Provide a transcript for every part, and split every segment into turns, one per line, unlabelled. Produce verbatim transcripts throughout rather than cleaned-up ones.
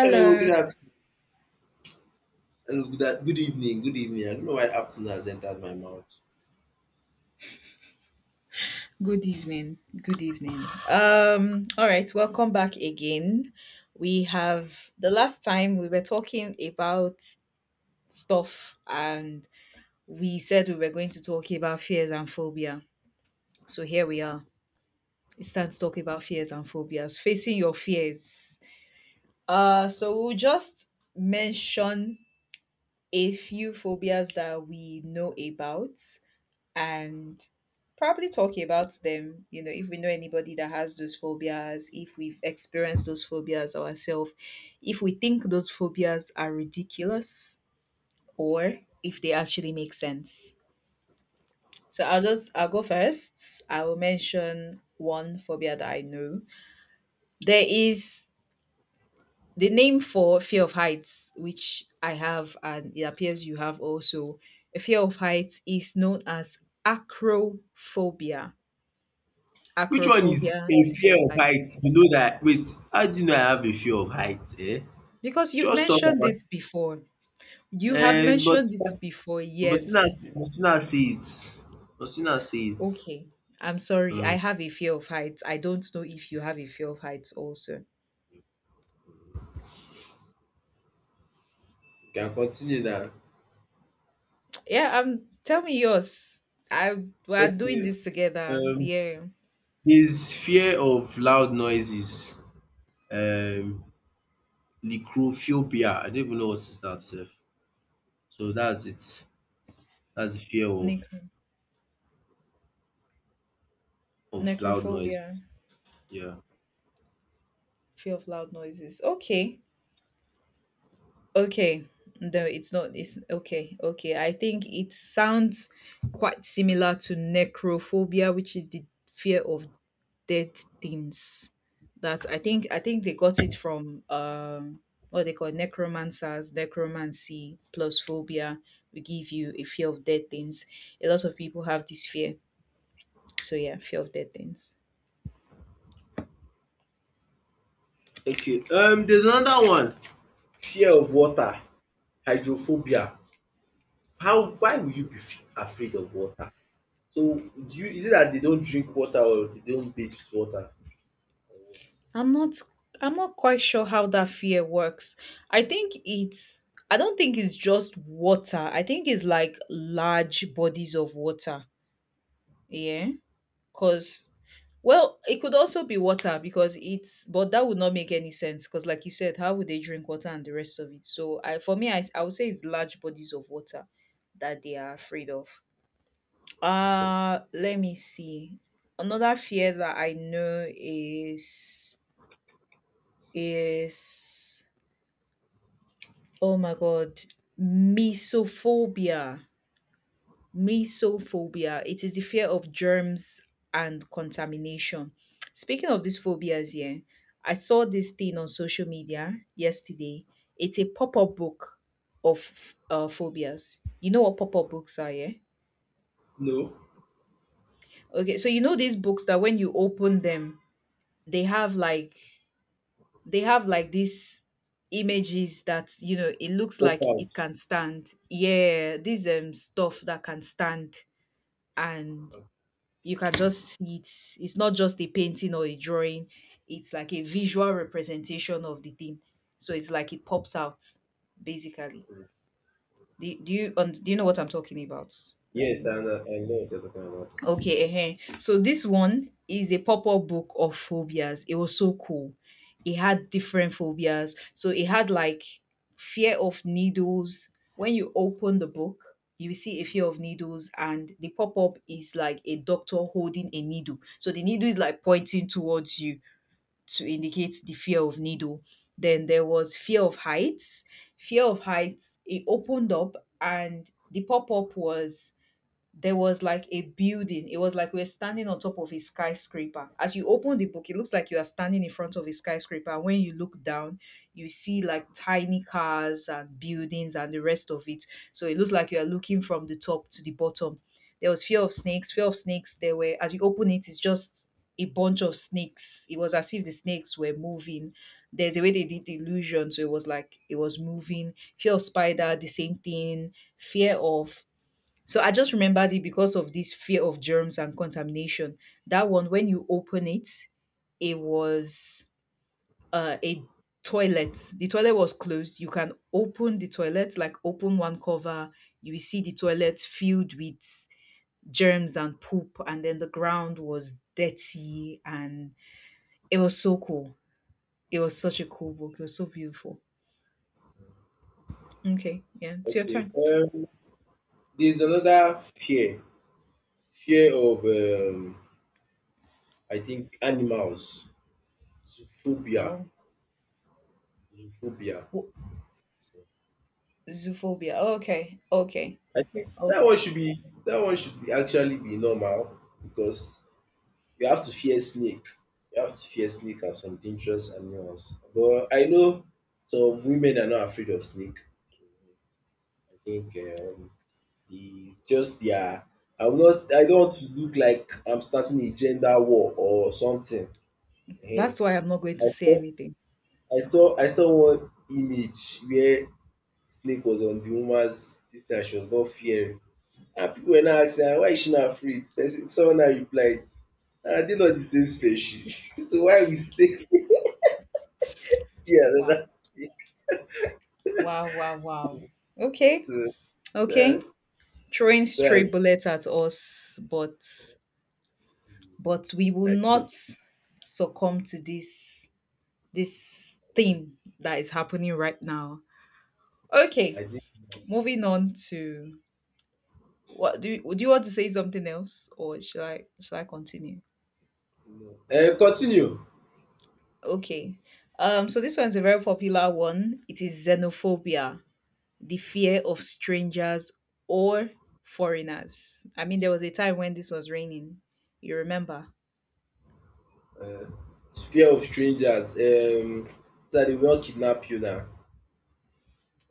Hello, good af- hello, good, a- good evening, good evening. I don't know why afternoon has entered my mouth.
Good evening. Good evening. Um all right, welcome back again. We have the last time we were talking about stuff, and we said we were going to talk about fears and phobia. So here we are. It's time to talk about fears and phobias, facing your fears. Uh so we'll just mention a few phobias that we know about, and probably talking about them, you know if we know anybody that has those phobias, if we've experienced those phobias ourselves, if we think those phobias are ridiculous, or if they actually make sense. So i'll just i'll go first. I will mention one phobia that I know. There is the name for fear of heights, which I have, and it appears you have also. A fear of heights is known as acrophobia.
Which one is
Acrophobia is
a
a fear
fear
of
of height?
heights.
You know that. Wait, how do you know I have a fear of height? Eh?
Because you've
Just talk
mentioned
about.
it before. You have
Eh, but
mentioned it before.
but you not
Yes.
see, but you not see it. But you not see it.
Okay. I'm sorry. I
Hmm.
have a fear of heights. I don't know if you have a fear of heights also.
You can continue now.
Yeah, um tell me yours. I We are doing
Okay.
this together.
Um,
Yeah.
there's fear of loud noises. Um, lycrophobia. I don't even know what is that. Sef. So that's it. That's the fear of
Necro
of loud
necrophobia.
noises. Yeah.
Fear of loud noises. Okay. Okay. No, it's not, it's okay. Okay. I think it sounds quite similar to necrophobia, which is the fear of dead things. That I think, I think they got it from um what they call necromancers, necromancy plus phobia. We give you a fear of dead things. A lot of people have this fear. So yeah, fear of dead things.
Okay. Um, there's another one. Fear of water, hydrophobia. How? Why will you be f- afraid of water? So, do you is it that they don't drink water or they don't bathe with water? Or what?
I'm not I'm not quite sure how that fear works. I think it's I don't think it's just water. I think it's like large bodies of water. Yeah. Cause well, it could also be water because it's but that would not make any sense because like you said, how would they drink water and the rest of it? So I for me I, I would say it's large bodies of water that they are afraid of. Uh let me see. Another fear that I know is is oh my god, misophobia. Mesophobia. It is the fear of germs and contamination. Speaking of these phobias, yeah, I saw this thing on social media yesterday. It's a pop-up book of uh, phobias. You know what pop-up books are, yeah?
No.
Okay, so you know these books that when you open them, they have like they have like these images, that you know it looks
Pop
like
out.
it can stand. Yeah, these um stuff that can stand, and you can just see it. It's not just a painting or a drawing, it's like a visual representation of the thing. So it's like it pops out, basically. Do, do you und- do you know what I'm talking about? Have
Yes,
you
I know. I know what you're talking about.
okay, uh so this one is a pop-up book of phobias. It was so cool. It had different phobias. So it had like fear of needles. When you open the book, you will see a fear of needles, and the pop-up is like a doctor holding a needle. So the needle is like pointing towards you to indicate the fear of needle. Then there was fear of heights. Fear of heights. It opened up and the pop-up was there was like a building. It was like we were standing on top of a skyscraper. As you open the book, it looks like you are standing in front of a skyscraper. And when you look down, you see like tiny cars and buildings and the rest of it. So it looks like you are looking from the top to the bottom. There was fear of snakes. Fear of snakes. There were as you open it, it's just a bunch of snakes. It was as if the snakes were moving. There's a way they did the illusion, so it was like it was moving. Fear of spider, the same thing fear of so I just remembered it because of this fear of germs and contamination. That one, when you open it, it was uh, a toilet. The toilet was closed. You can open the toilet, like open one cover. You will see the toilet filled with germs and poop, and then the ground was dirty, and it was so cool. It was such a cool book. It was so beautiful. Okay, yeah, it's your
Okay.
turn.
Um, there's another fear. Fear of um, I think animals. Zoophobia.
Oh,
Zoophobia.
wo-
So,
zoophobia. Okay, okay.
I think that one should be that one should be actually be normal because you have to fear snake. You have to fear snake and some dangerous animals. But I know some women are not afraid of snake. I think um it's just their I am not I don't want to look like I'm starting a gender war or something. Ehen.
That's why I'm not going
I
to say
saw
anything.
I saw I saw one image where snake was on the woman's dis thing. She was not fearing, and people were now asking her why is she not afraid? Person Someone now replied, "Are they not the same species?" So why we snake. Yeah,
Wow.
that's it.
Wow, wow, wow. Okay.
Uh,
Okay.
uh,
Throwing stray
that's,
bullets at us, but but we will
I
not
think.
succumb to this this thing that is happening right now. Okay,
I think
moving on to what do you, do you want to say something else, or should I should I continue?
no. Uh, continue.
Okay. Um so this one's a very popular one. It is xenophobia, the fear of strangers or foreigners. I mean, there was a time when this was raining. You remember?
Uh, Fear of strangers. Um, so that they will not kidnap you now.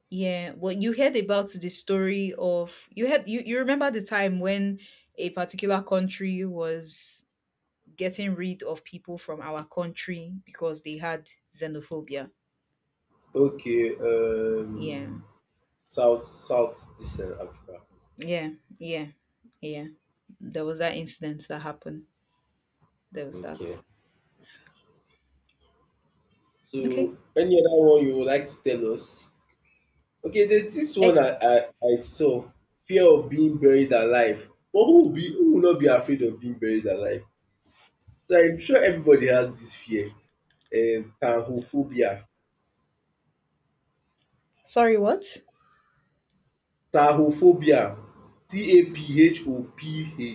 Yeah. Well, you heard about the story of you had you, you remember the time when a particular country was getting rid of people from our country because they had xenophobia.
Okay.
Yeah.
Um, South South Eastern Africa.
Yeah. Yeah. Yeah. There was that incident that happened. There was
Okay.
that. Okay.
So any other one you would like to tell us? Okay, there's this one
Eh,
I I, I saw. Fear of being buried alive. But who will be who will not be afraid of being buried alive? So I'm sure everybody has this fear. um Tahophobia.
sorry, what?
Tahophobia. T A P H O P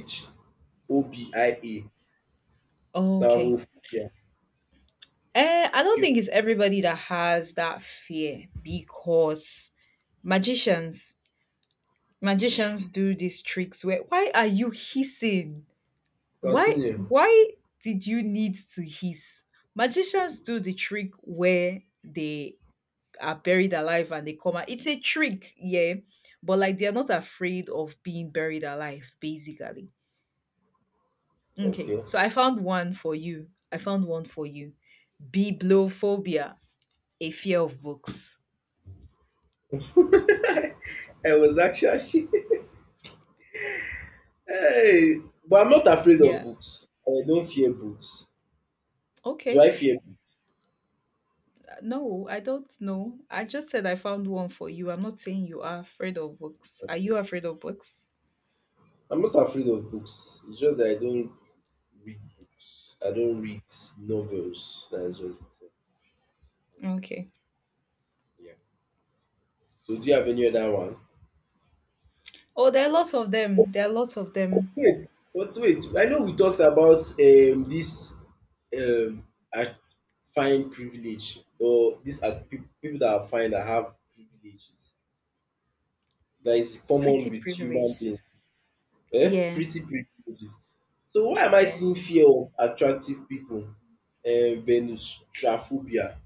H O B I A
Okay.
Tahophobia.
Eh, I don't
Okay,
think it's everybody that has that fear, because magicians magicians do these tricks where why are you hissing? Why
continue.
why did you need to hiss? Magicians do the trick where they are buried alive and they come out. It's a trick, yeah. But like they're not afraid of being buried alive, basically. Okay,
Okay.
so I found one for you. I found one for you. Bibliophobia, a fear of books.
I was actually hey, but I'm not afraid of
Yeah.
books. I don't fear books. Do
Okay.
I fear books?
Uh, no, I don't know. I just said I found one for you. I'm not saying you are afraid of books. Are you
Okay.
afraid of books?
I'm not afraid of books. It's just that I don't read books. I don't read novels. That's just the
Okay.
Yeah. So do you have any other one?
Oh, there are lots of them. There are lots of them.
Wait, but wait. I know we talked about um this um I find privilege, or these are peop people that I find that have privileges that is common
Pretty
with human beings,
privileged.
eh?
Yeah.
Pretty privileges. So why am I
Yeah.
seeing fear of attractive people, um venustrophobia?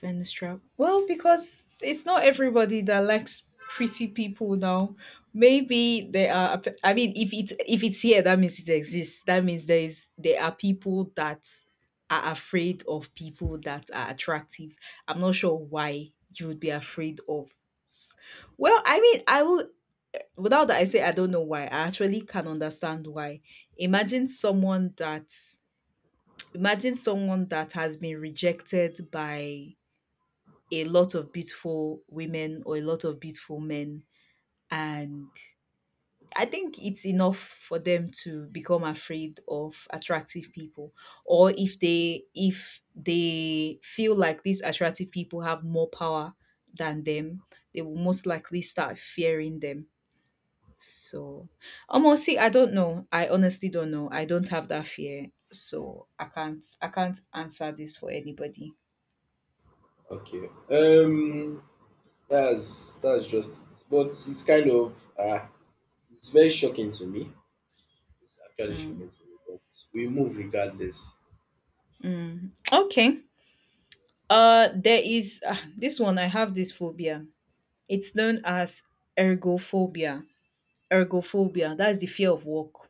Fenstrap. Well, because it's not everybody that likes pretty people now. Maybe there are. I mean, if it's if it's here, that means it exists. That means there is there are people that are afraid of people that are attractive. I'm not sure why you would be afraid of. s- Well, I mean, I will. Without that, I say I don't know why. I actually can understand why. Imagine someone that. Imagine someone that has been rejected by a lot of beautiful women or a lot of beautiful men. And I think it's enough for them to become afraid of attractive people. Or if they if they feel like these attractive people have more power than them, they will most likely start fearing them. So almost see, I don't know. I honestly don't know. I don't have that fear. So I can't I can't answer this for anybody.
Okay, um that's that's just it, but it's kind of um it's very shocking to me. It's actually
Mm,
shocking to me, but we move regardless.
mm. Okay. Uh, there is ah, this one. I have this phobia. It's known as ergophobia. Ergophobia. That's the fear of work.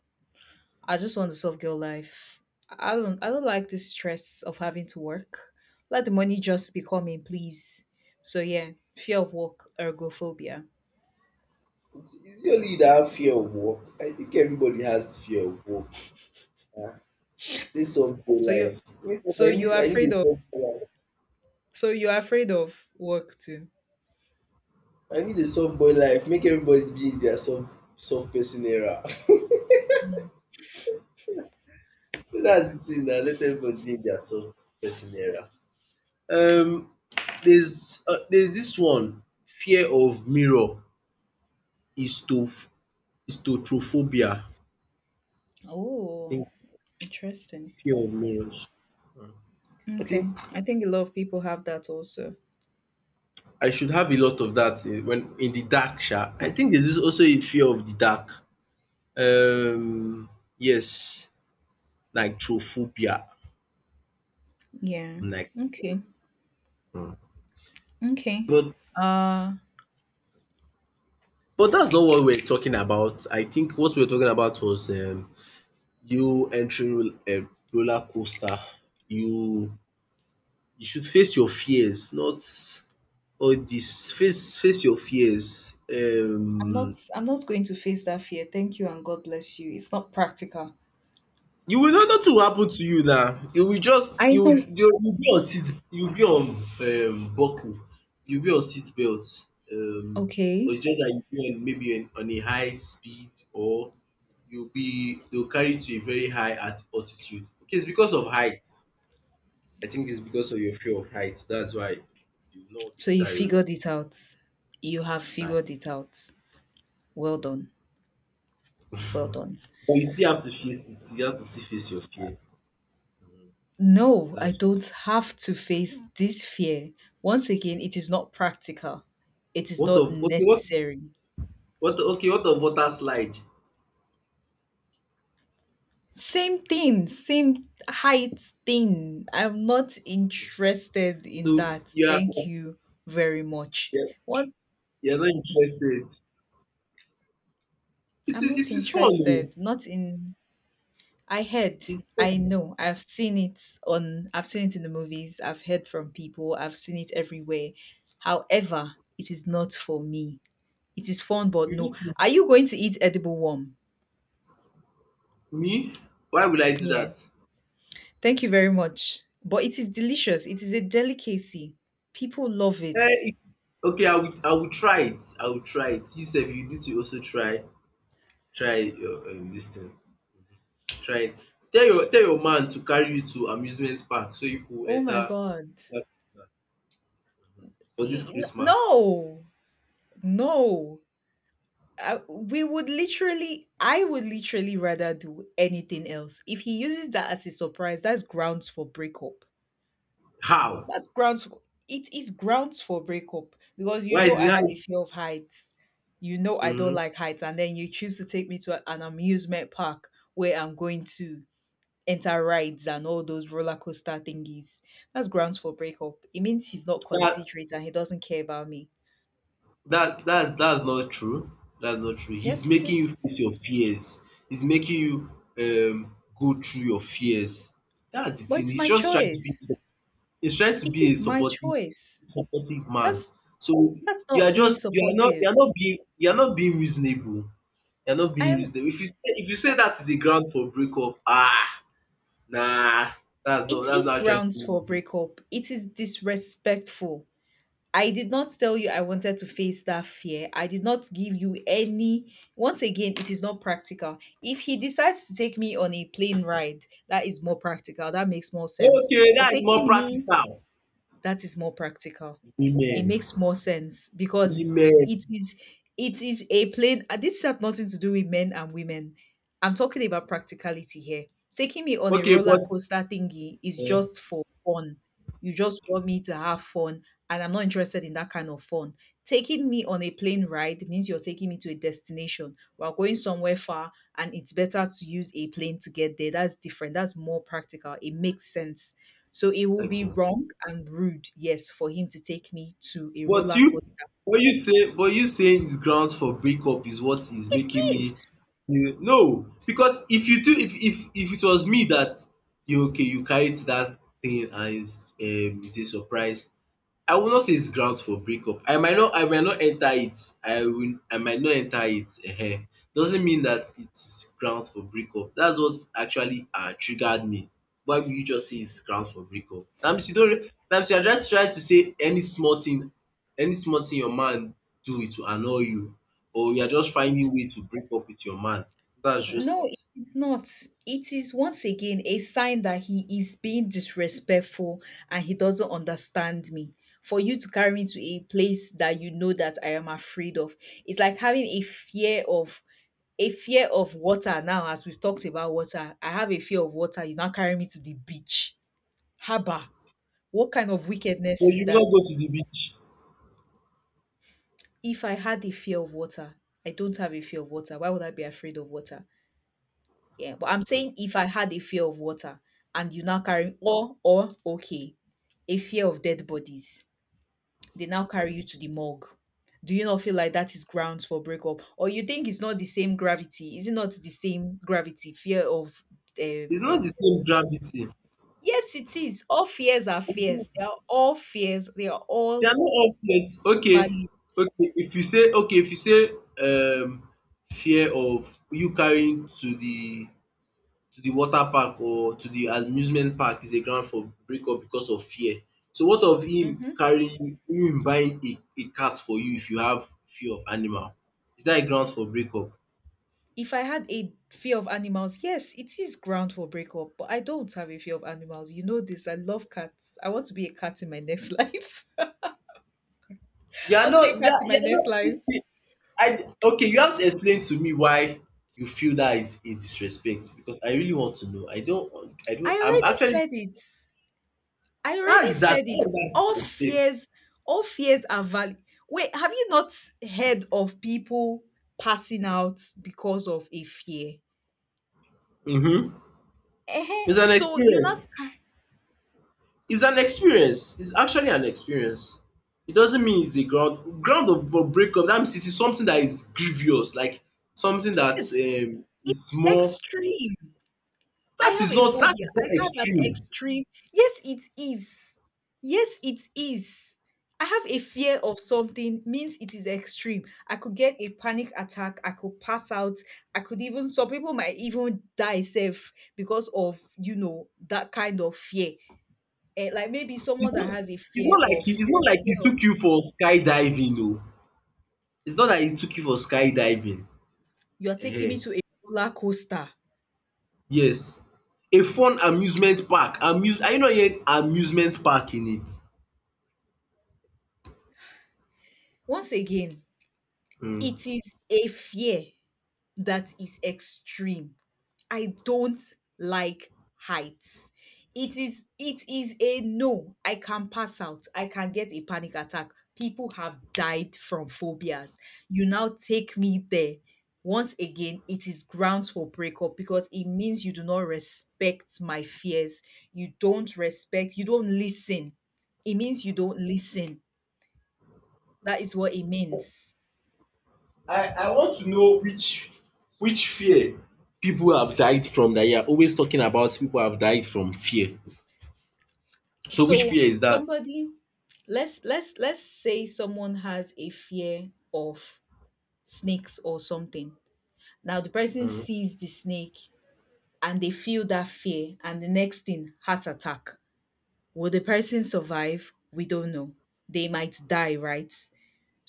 I just want the soft girl life. I don't. I don't like the stress of having to work. Let the money just be coming, please. So yeah, fear of work. Ergophobia.
It's it's usually that fear of work. I think everybody has the fear of work. Ah, say soft boy
So you.
life. Wake up,
So
I
you
need
are
I need
afraid
a
of.
soft boy life.
So you are afraid of work too.
I need a soft boy life. Make everybody be in their soft soft person era. So, that's the thing now. Let everybody be in their soft person era. Um, there's uh, there's this one fear of mirror, histo- histotrophobia.
Oh, interesting.
I think
Okay. I think a lot of people have that also.
I should have a lot of that in, when in the dark. Sha. I think there's this also a fear of the dark. Um, yes, nitrophobia.
Yeah.
Like,
Okay. Okay.
but
Uh,
but that's not what we're talking about. I think what we we're talking about was um, you entering a roller coaster. You you should face your fears, not all this. Face face your fears.
I'm not
Um,
I'm not going to face that fear. Thank you and God bless you. It's not practical.
You will not, nothing will happen to you now. You will just,
I
you will
know.
you will be on seat, you will be on, um buckle, you will be on seat belt, um but
Okay.
it's just that you will be on, maybe on on a high speed, or you will be they will carry you to a very high at altitude. Okay, it's because of height. I think it's because of your fear of height, that's why you will not want to
So you
enter Iru
figured it out. You have
na.
figured it out. Well done. Well done.
But you still have to face it, you have to still face your fear. um So
No, I
that's just
don't have to face this fear. Once again, it is not practical. It is
what
not
of okay what
necessary.
what okay what of water slide?
Same thing, same height thing. I'm not interested in
So
that.
you are
Thank you very much.
you're,
Once
you're not interested. It
I'm
is it
not
is fun
interested.
though.
Not in. I heard.
It's
I
fun.
know. I've seen it on. I've seen it in the movies. I've heard from people. I've seen it everywhere. However, it is not for me. It is fun, but
You
no.
need to-
Are you going to eat edible worm?
Me? Why would I do
Yeah.
that?
Thank you very much. But it is delicious. It is a delicacy. People love it.
Eh, if- okay, I will I will try it. I will try it. You sef, you need to also try try your, um, this thing. Try it. Tell your tell your man to carry you to amusement park so you go
Oh
enter
my
that-
god.
for this
E- n-
Christmas.
No. No. I, we would literally, I would literally rather do anything else. If he uses that as a surprise, that's grounds for breakup.
How?
That's grounds for, it is grounds for breakup because you
Why
know
is
I
it?
have a fear of heights. You know I don't
Mm-hmm.
like heights. And then you choose to take me to a- an amusement park where I'm going to enter rides and all those roller coaster thingies. That's grounds for breakup. It means he's not
That
considerate and he doesn't care about me.
That that's that's not true. That's not true. He's
Yes, it
making you
is.
face your fears. He's making you um go through your fears. That's the
But
thing.
it's
He's
my
just trying to be
choice.
he's trying to
It
be a
is my
supportive
choice.
supportive man.
That's
So
that's
you
not
are
being
just you are not
supportive.
you are not being you are not being reasonable. You are not
I
being
am
reasonable. If you say if you say that is a ground for breakup, ah, nah, that's not
it
that's
is
not actually
grounds for
reasonable.
breakup. It is disrespectful. I did not tell you I wanted to face that fear. I did not give you any. Once again, it is not practical. If he decides to take me on a plane ride, that is more practical. That makes more sense.
Okay,
But
that is more
taking me
practical.
that is more practical. It
Women.
makes more sense because
Women.
it is it is a plain uh, this has nothing to do with men and women. I'm talking about practicality here. Taking me on a
Okay,
roller
but
coaster thingy is
um
just for fun. You just want me to have fun, and I'm not interested in that kind of fun. Taking me on a plane ride means you're taking me to a destination. We're going somewhere far, and it's better to use a plane to get there. That's different. That's more practical. It makes sense, so it will be
okay.
wrong and rude, yes, for him to take me to a
But
roller
you
coaster.
what you say, but you saying is grounds for breakup is what is
It
making
is.
me feel, no, because if you do, if if if it was me that you, okay, you carry to that thing, and it's um it's a surprise, I will not say it's grounds for breakup. I might not I might not enter it. I will I might not enter it um. Doesn't mean that it's grounds for breakup. That's what actually um triggered me. Why will you just say it's grounds for breakup? Dat means you don't, dat means you are just trying to say any small thing any small thing your man do, it will annoy you, or you are just
It's
finding way to break up with your man. That's just
no,
it. So
it's not. It is once again a sign that he is being disrespectful and he doesn't understand me. For you to carry me to a place that you know that I am afraid of, it's like having a fear of a fear of water. Now, as we've talked about water, I have a fear of water. You now carry me to the beach. Haba, what kind of wickedness is
you will
that?
not go to the beach.
If I had a fear of water— I don't have a fear of water. Why would I be afraid of water? Yeah, but I'm
Okay.
saying if I had a fear of water and you now carry, or or okay, a fear of dead bodies. They now carry you to the morgue. Do you not feel like that is grounds for breakup? Or you think it's not the same gravity? Is it not the same gravity? Fear of
It's
um,
not the
um
same gravity.
yes, it is. All fears are fears. They are all fears. They are
They
all
are not all fears. Okay,
valid.
okay. If you say okay, if you say um fear of you carrying to the to the water park or to the amusement park is a ground for breakup because of fear. So what of him
Mhm.
carrying him buying a, a cat for you if you have fear of animal? Is that a ground for breakup?
If I had a fear of animals, yes, it is ground for breakup, but I don't have a fear of animals. You know this. I love cats. I want to be a cat in my next life.
You
I
are
want to be a
not
cat
that
in my
you are
next
not
life.
this thing. I Okay, you have to explain to me why you feel that is a disrespect, because I really want to know. I don't I
I
don't I'm
already
actually,
said it. I
how
already
is that
said it.
not a
All
mistake?
fears, all fears are valid. Wait, have you not heard of people passing out because of a fear?
Mhm.
uh
It's an
So you're
experience.
not
It's an experience. It's actually an experience. It doesn't mean it's a ground ground of for breakup. That means it is something that is grievous, like something that,
yes,
um, is more.
extreme. I
That
have
is
a
not that
phobia.
is not
I have an
extreme.
extreme. Yes, it is. Yes, it is. I have a fear of something means it is extreme. I could get a panic attack. I could pass out. I could even— some people might even die safe because of you know that kind of fear. Eh, like maybe
It's
someone that
not.
has a
It's
fear
not like
of—
he, it's not like
fear
he
of—
took you for skydiving. No, it's not that he took you for skydiving.
you are taking me
uh
to a roller coaster.
Yes, a fun amusement park. Amuse. Are you not hearing amusement park in it?
Once again,
Mm.
it is a fear that is extreme. I don't like heights. It is it is a no. I can pass out. I can get a panic attack. People have died from phobias. You now take me there. Once again, it is grounds for breakup because it means you do not respect my fears. You don't respect, you don't listen. It means you don't listen. That is what it means.
I, I want to know which which fear people have died from, that you're always talking about people have died from fear. So which
So
fear is that?
somebody, let's let's let's say someone has a fear of snakes or something, now the person
Mm.
sees the snake and they feel that fear and the next thing, heart attack. Will the person survive? We don't know. They might die, right?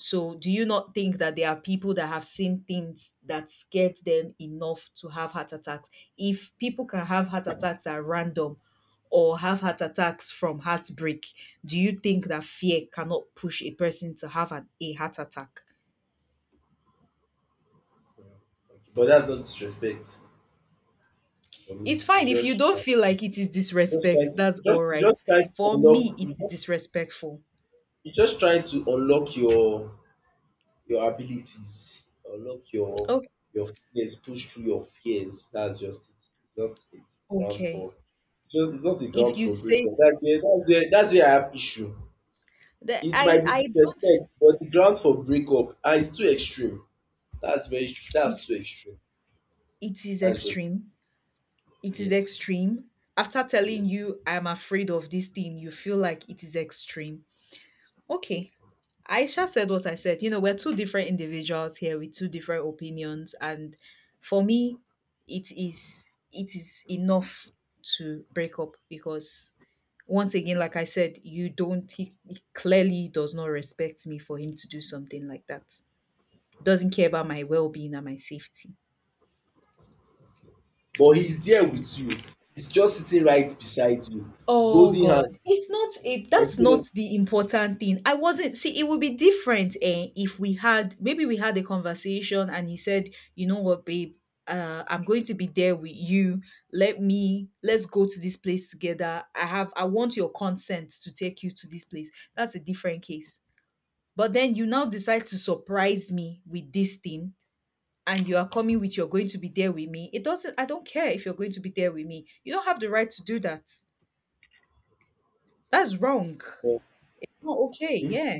So, do you not think that there are people that have seen things that scared them enough to have heart attacks? If people can have heart attacks at random, or have heart attacks from heartbreak, do you think that fear cannot push a person to have an, a heart attack?
But that's not disrespect for me.
It's
She
fine if you
just
don't feel like it is
just try
disrespect, that's all
just
right.
just try to
For me,
unlock
it
you
is
just
disrespectful.
you just trying to unlock your your abilities, unlock your
Okay.
your fears, push through your fears. That's just it. It's not it's ground for
Okay.
just it's not the
If
ground
you
for
say
breakup. That's where that's where that's where I have issue.
that
It
I—
might be
I don't—
disrespect, but the ground for breakup ah is too extreme. That's very tr- that's too
it's
extreme.
it is
That's just it.
extreme, it is
Yes,
extreme. After telling
yes.
you I'm afraid of this thing, you feel like it is extreme. Okay. Aisha said what I said. You know, we're two different individuals here with two different opinions, and for me it is— it is enough to break up because once again, like I said, you don't— he, he clearly does not respect me for him to do something like that. Doesn't care about my well-being and my safety.
But he's there
Mm.
with you. He's just sitting right beside you. He's
Oh
holding hands
God, it's not
with you.
it.
I
That's not
feel
the important thing. I wasn't. See, it would be different, eh, if we had— maybe we had a conversation and he said, "You know what, babe, uh, I'm going to be there with you. Let me— let's go to this place together. I have— I want your consent to take you to this place." That's a different case. But then you now decide to surprise me with this thing, and you are coming with— you're going to be there with me. It doesn't. I don't care if you're going to be there with me. You don't have the right to do that. That's wrong.
like, uh,
Oh, okay.
this
Yeah.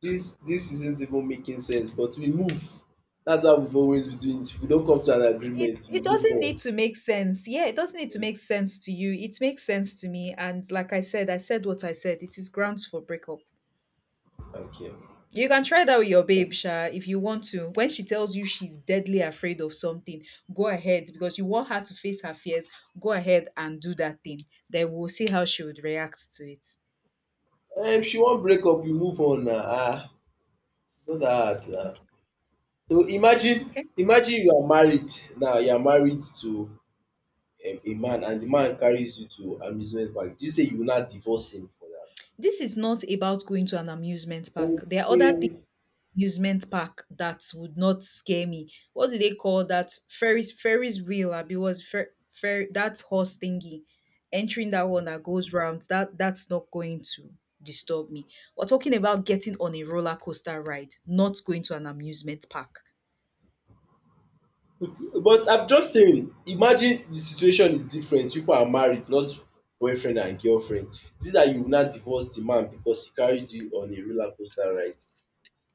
this this isn't even making sense, but we move. That's how we've always been doing it. If we don't come to an
it
agreement, we
it
move
doesn't
on.
need to make sense. Yeah, it doesn't need to
Eh,
make sense to you, it makes sense to me, and like I said, I said what I said. It is grounds for breakup.
okay.
You can try that with your babe sha if you want to. When she tells you she's deadly afraid of something, go ahead because you want her to face her fears, go ahead and do that thing, then we'll see how she would react to it.
Eh, if she won't break up, we move on now. Ah, it's not that hard now. So imagine
Okay.
imagine you are married now, you are married to um a man, and the man carries you to amusement park. Do you say you will not divorce him for that?
This is not about going to an amusement park. There are other things—
Okay.
amusement park that would not scare me. What do they call that? Ferris— Ferris wheel, Abi was fer, fer, that horse thingy. Entering that one that goes round, that— that's not going to disturb me. We're talking about getting on a roller coaster ride, not going to an amusement park.
But I'm just saying, imagine the situation is different. You people are married, not boyfriend and girlfriend. Is it that you will not divorce the man because he carried you on a roller coaster ride?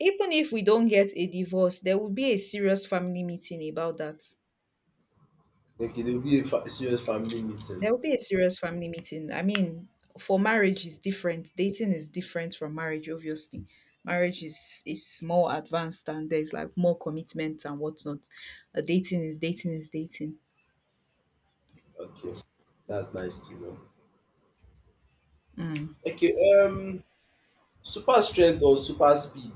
Even if we don't get a divorce, there will be a serious family meeting about that.
Okay, there will be a fa serious family meeting.
There will be a serious family meeting. I mean, for marriage is different. Dating is different from marriage, obviously. Marriage is is more advanced, and there's like more commitment and whatnot. Uh, dating is dating is dating.
Okay, that's nice to know.
Mm.
Okay, um, super strength or super speed?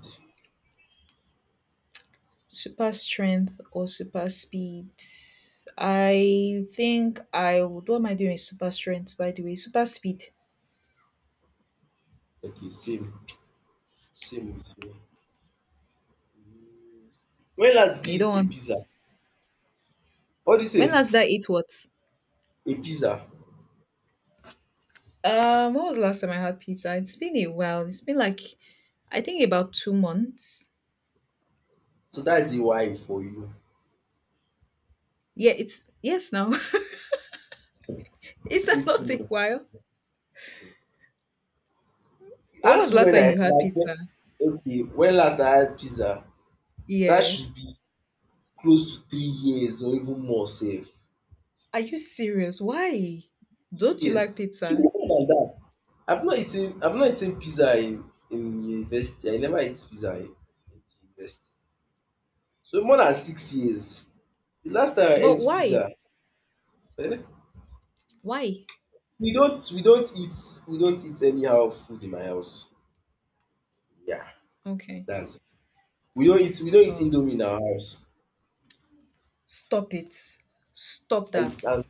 Super strength or super speed. I think I would— what am I doing with super strength, by the way? Super speed.
Okay, same. Same with me. When last did
You
you
don't
eat a
want.
pizza? What do you
When
say?
last did I eat what?
A pizza.
Um, what was the last time I had pizza? It's been a while. It's been like, I think about two months.
So that's is a why for you.
Yeah, it's yes now. Is
Say
that
too
not a
much.
while? When was
Ask me
last
when
time
I
you had
last
pizza?
okay when last I had pizza. That
Yeah.
should be close to three years or even more. Safe.
Are you serious? Why?
Three
Don't you like
years. E should
pizza?
be more than that. I've not eaten I've not eaten pizza in in university. I never ate pizza in in university. So more than six years The last time I
But
ate
why?
pizza, um
Why?
we don't we don't eat we don't eat anyhow food in my house. Yeah,
Okay.
that's, we don't eat we don't eat
Oh,
indomie in our house.
stop it. Stop
I I'm,
that.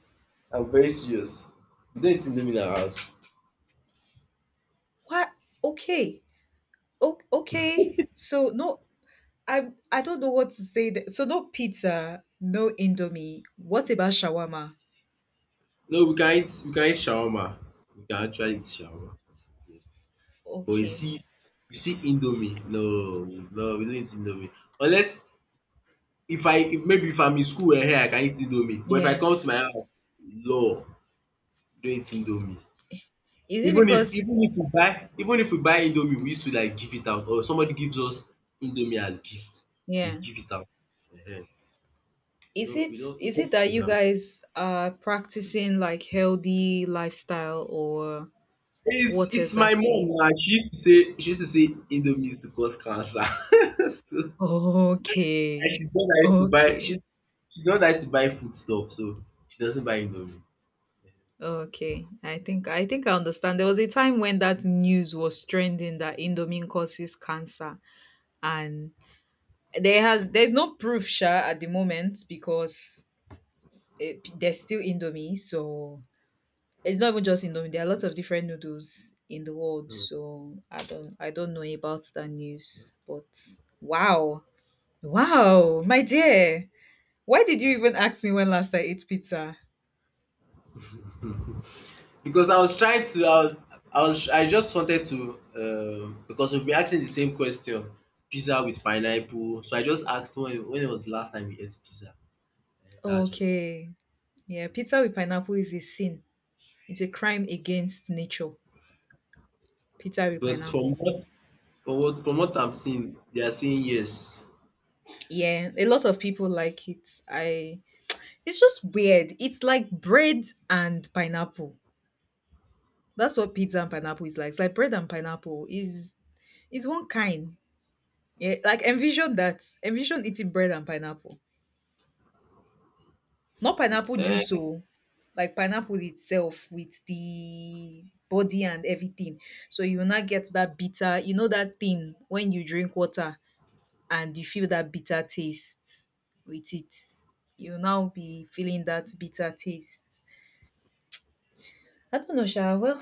I'm very serious. We don't eat indomie in our house.
What? Okay. O- okay. So no, I I don't know what to say. Th- so no pizza, no indomie. What about shawarma?
No, we can eat we can eat shawarma. We can actually eat shawarma. Yes. But you
Okay.
see you see indomie, no, no, we don't eat indomie, unless if I if maybe if I'm in school here, I can eat indomie. But if I
Yeah.
come to my house, no, we don't eat indomie.
Is it
Even if
because—
even if we buy even if we buy indomie, we used to like give it out, or somebody gives us indomie as gift, we
yeah?
give it out um. We
Is
don't we
it
don't we
is it
don't
that
keep it
you
am.
guys are practicing like healthy lifestyle or
It's
what
it's my mom.
exactly?
Na she used to say, she used to say indomie used to cause cancer. So, and
Okay.
she's not one that used to buy
Okay.
she's she's not one that used to buy food stuff, so she doesn't buy indomie.
Okay. I think I think I understand. There was a time when that news was trending that indomine causes cancer, and there has— there's no proof sure at the moment because it, there's still indomie, so— It's not even just Indomie. There are lots of different noodles in the world,
Hmm.
so I don't— I don't know about that news. But wow, wow, my dear, why did you even ask me when last I ate pizza?
Because I was trying to, I was, I was, I just wanted to, um, because we've been asking the same question, pizza with pineapple. So I just asked when, when it was the last time you ate pizza. And that's just it.
Okay, yeah, pizza with pineapple is a sin. It's a crime against nature. Pizza with
But from
pineapple.
what, from what, from what I'm seeing, they are saying yes.
Yeah, a lot of people like it. I— it's just weird. It's like bread and pineapple. That's what pizza and pineapple is like. It's like bread and pineapple is— is one kind. Yeah, like envision that. Envision eating bread and pineapple. Not pineapple juice,
Eh,
oh. Like pineapple itself with the body and everything. So you will not get that bitter, you know that thing when you drink water and you feel that bitter taste with it. You'll now be feeling that bitter taste. I don't know, Sha. Well,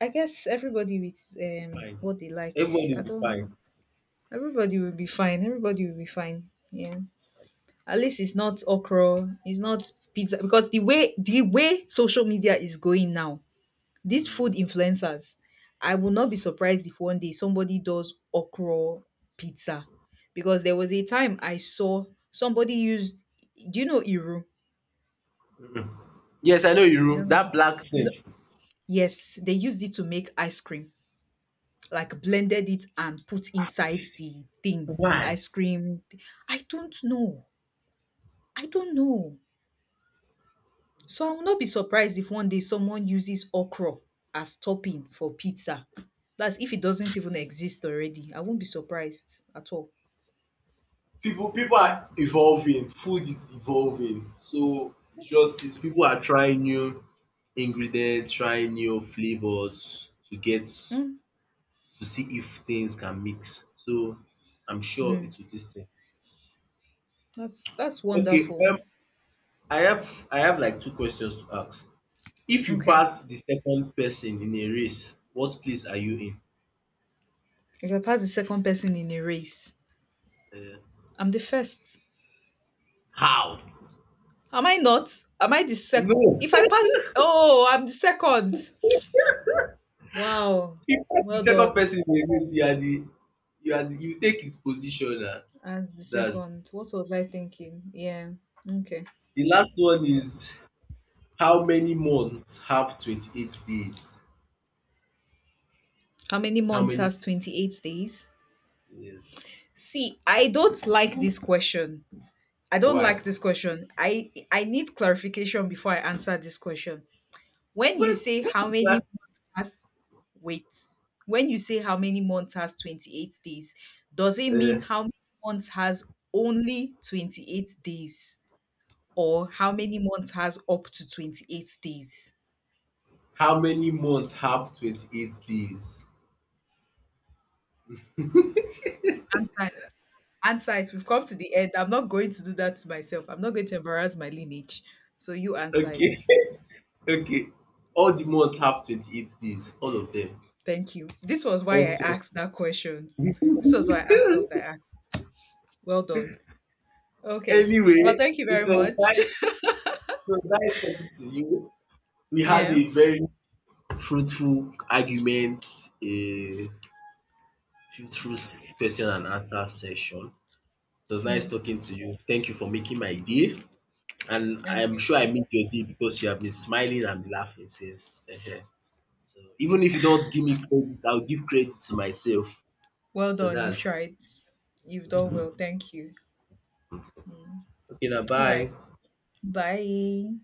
I guess everybody with um
fine.
what they like.
Everybody
I
will be fine.
don't— everybody will be fine. Everybody will be fine. Yeah. At least it's not okra, it's not pizza, because the way the way social media is going now, these food influencers, I will not be surprised if one day somebody does okra pizza, because there was a time I saw somebody used— do you know iru?
Mm-mm. Yes, I know
You
you.
don't know?
That black
You know—
thing.
yes, they used it to make ice cream. Like blended it and put inside the thing, the
Why?
ice cream. I don't know. I don't know. So I will not be surprised if one day someone uses okra as topping for pizza. That's if it doesn't even exist already. I won't be surprised at all.
People people are evolving, food is evolving. So it's just it. People are trying new ingredients, trying new flavors to get
Mm.
to see if things can mix. So I'm sure
Mm.
it will this thing.
that's that's
Okay,
wonderful.
um I have I have like two questions to ask. If you
Okay,
pass the second person in a race, what place are you
if I pass the second person in a race,
in? Eh,
I'm the first,
how?
am I not? Am I the second
No.
if I pass? Oh, I'm the second. Wow.
You pass the
Well
second
done.
person in a race, you are the, you are the, you take his position na.
As the
That.
second— what was I thinking? Yeah, okay.
The last one is, how many months have twenty-eight days?
How many
How
months
many?
has twenty-eight days?
Yes.
See, I don't like this question. I don't
Why?
like this question. I I need clarification before I answer this question. When you
What?
say
What
how
is
many
that?
months has— wait, when you say how many months has twenty-eight days, does it mean
Uh,
how many months has only twenty-eight days, or how many months has up to twenty-eight days?
how many months have twenty-eight days?
Answer, answer it. We've come to the end. I'm not going to do that to myself. I'm not going to embarrass my lineage. So you answer it.
Okay. Okay. All the months have twenty-eight days. All of them.
Thank you. This was why I
Also.
asked that question. This was why I asked what I asked. Well done. Okay. Well,
Anyway,
thank you
it
very
was
much.
nice. It was nice talking to you. We had
Yeah.
a very fruitful argument, a fruitful s- question and answer session. It was
Yeah.
nice talking to you. Thank you for making my day. And
And
I'm
you
sure I
too.
made your day, because you have been smiling and laughing since. Ehen. So even if you don't give me credit, I'll give credit to myself.
Well
So
done. You've
that's
tried. You've done well. Thank you.
okay now.
All right.
Bye.
Bye.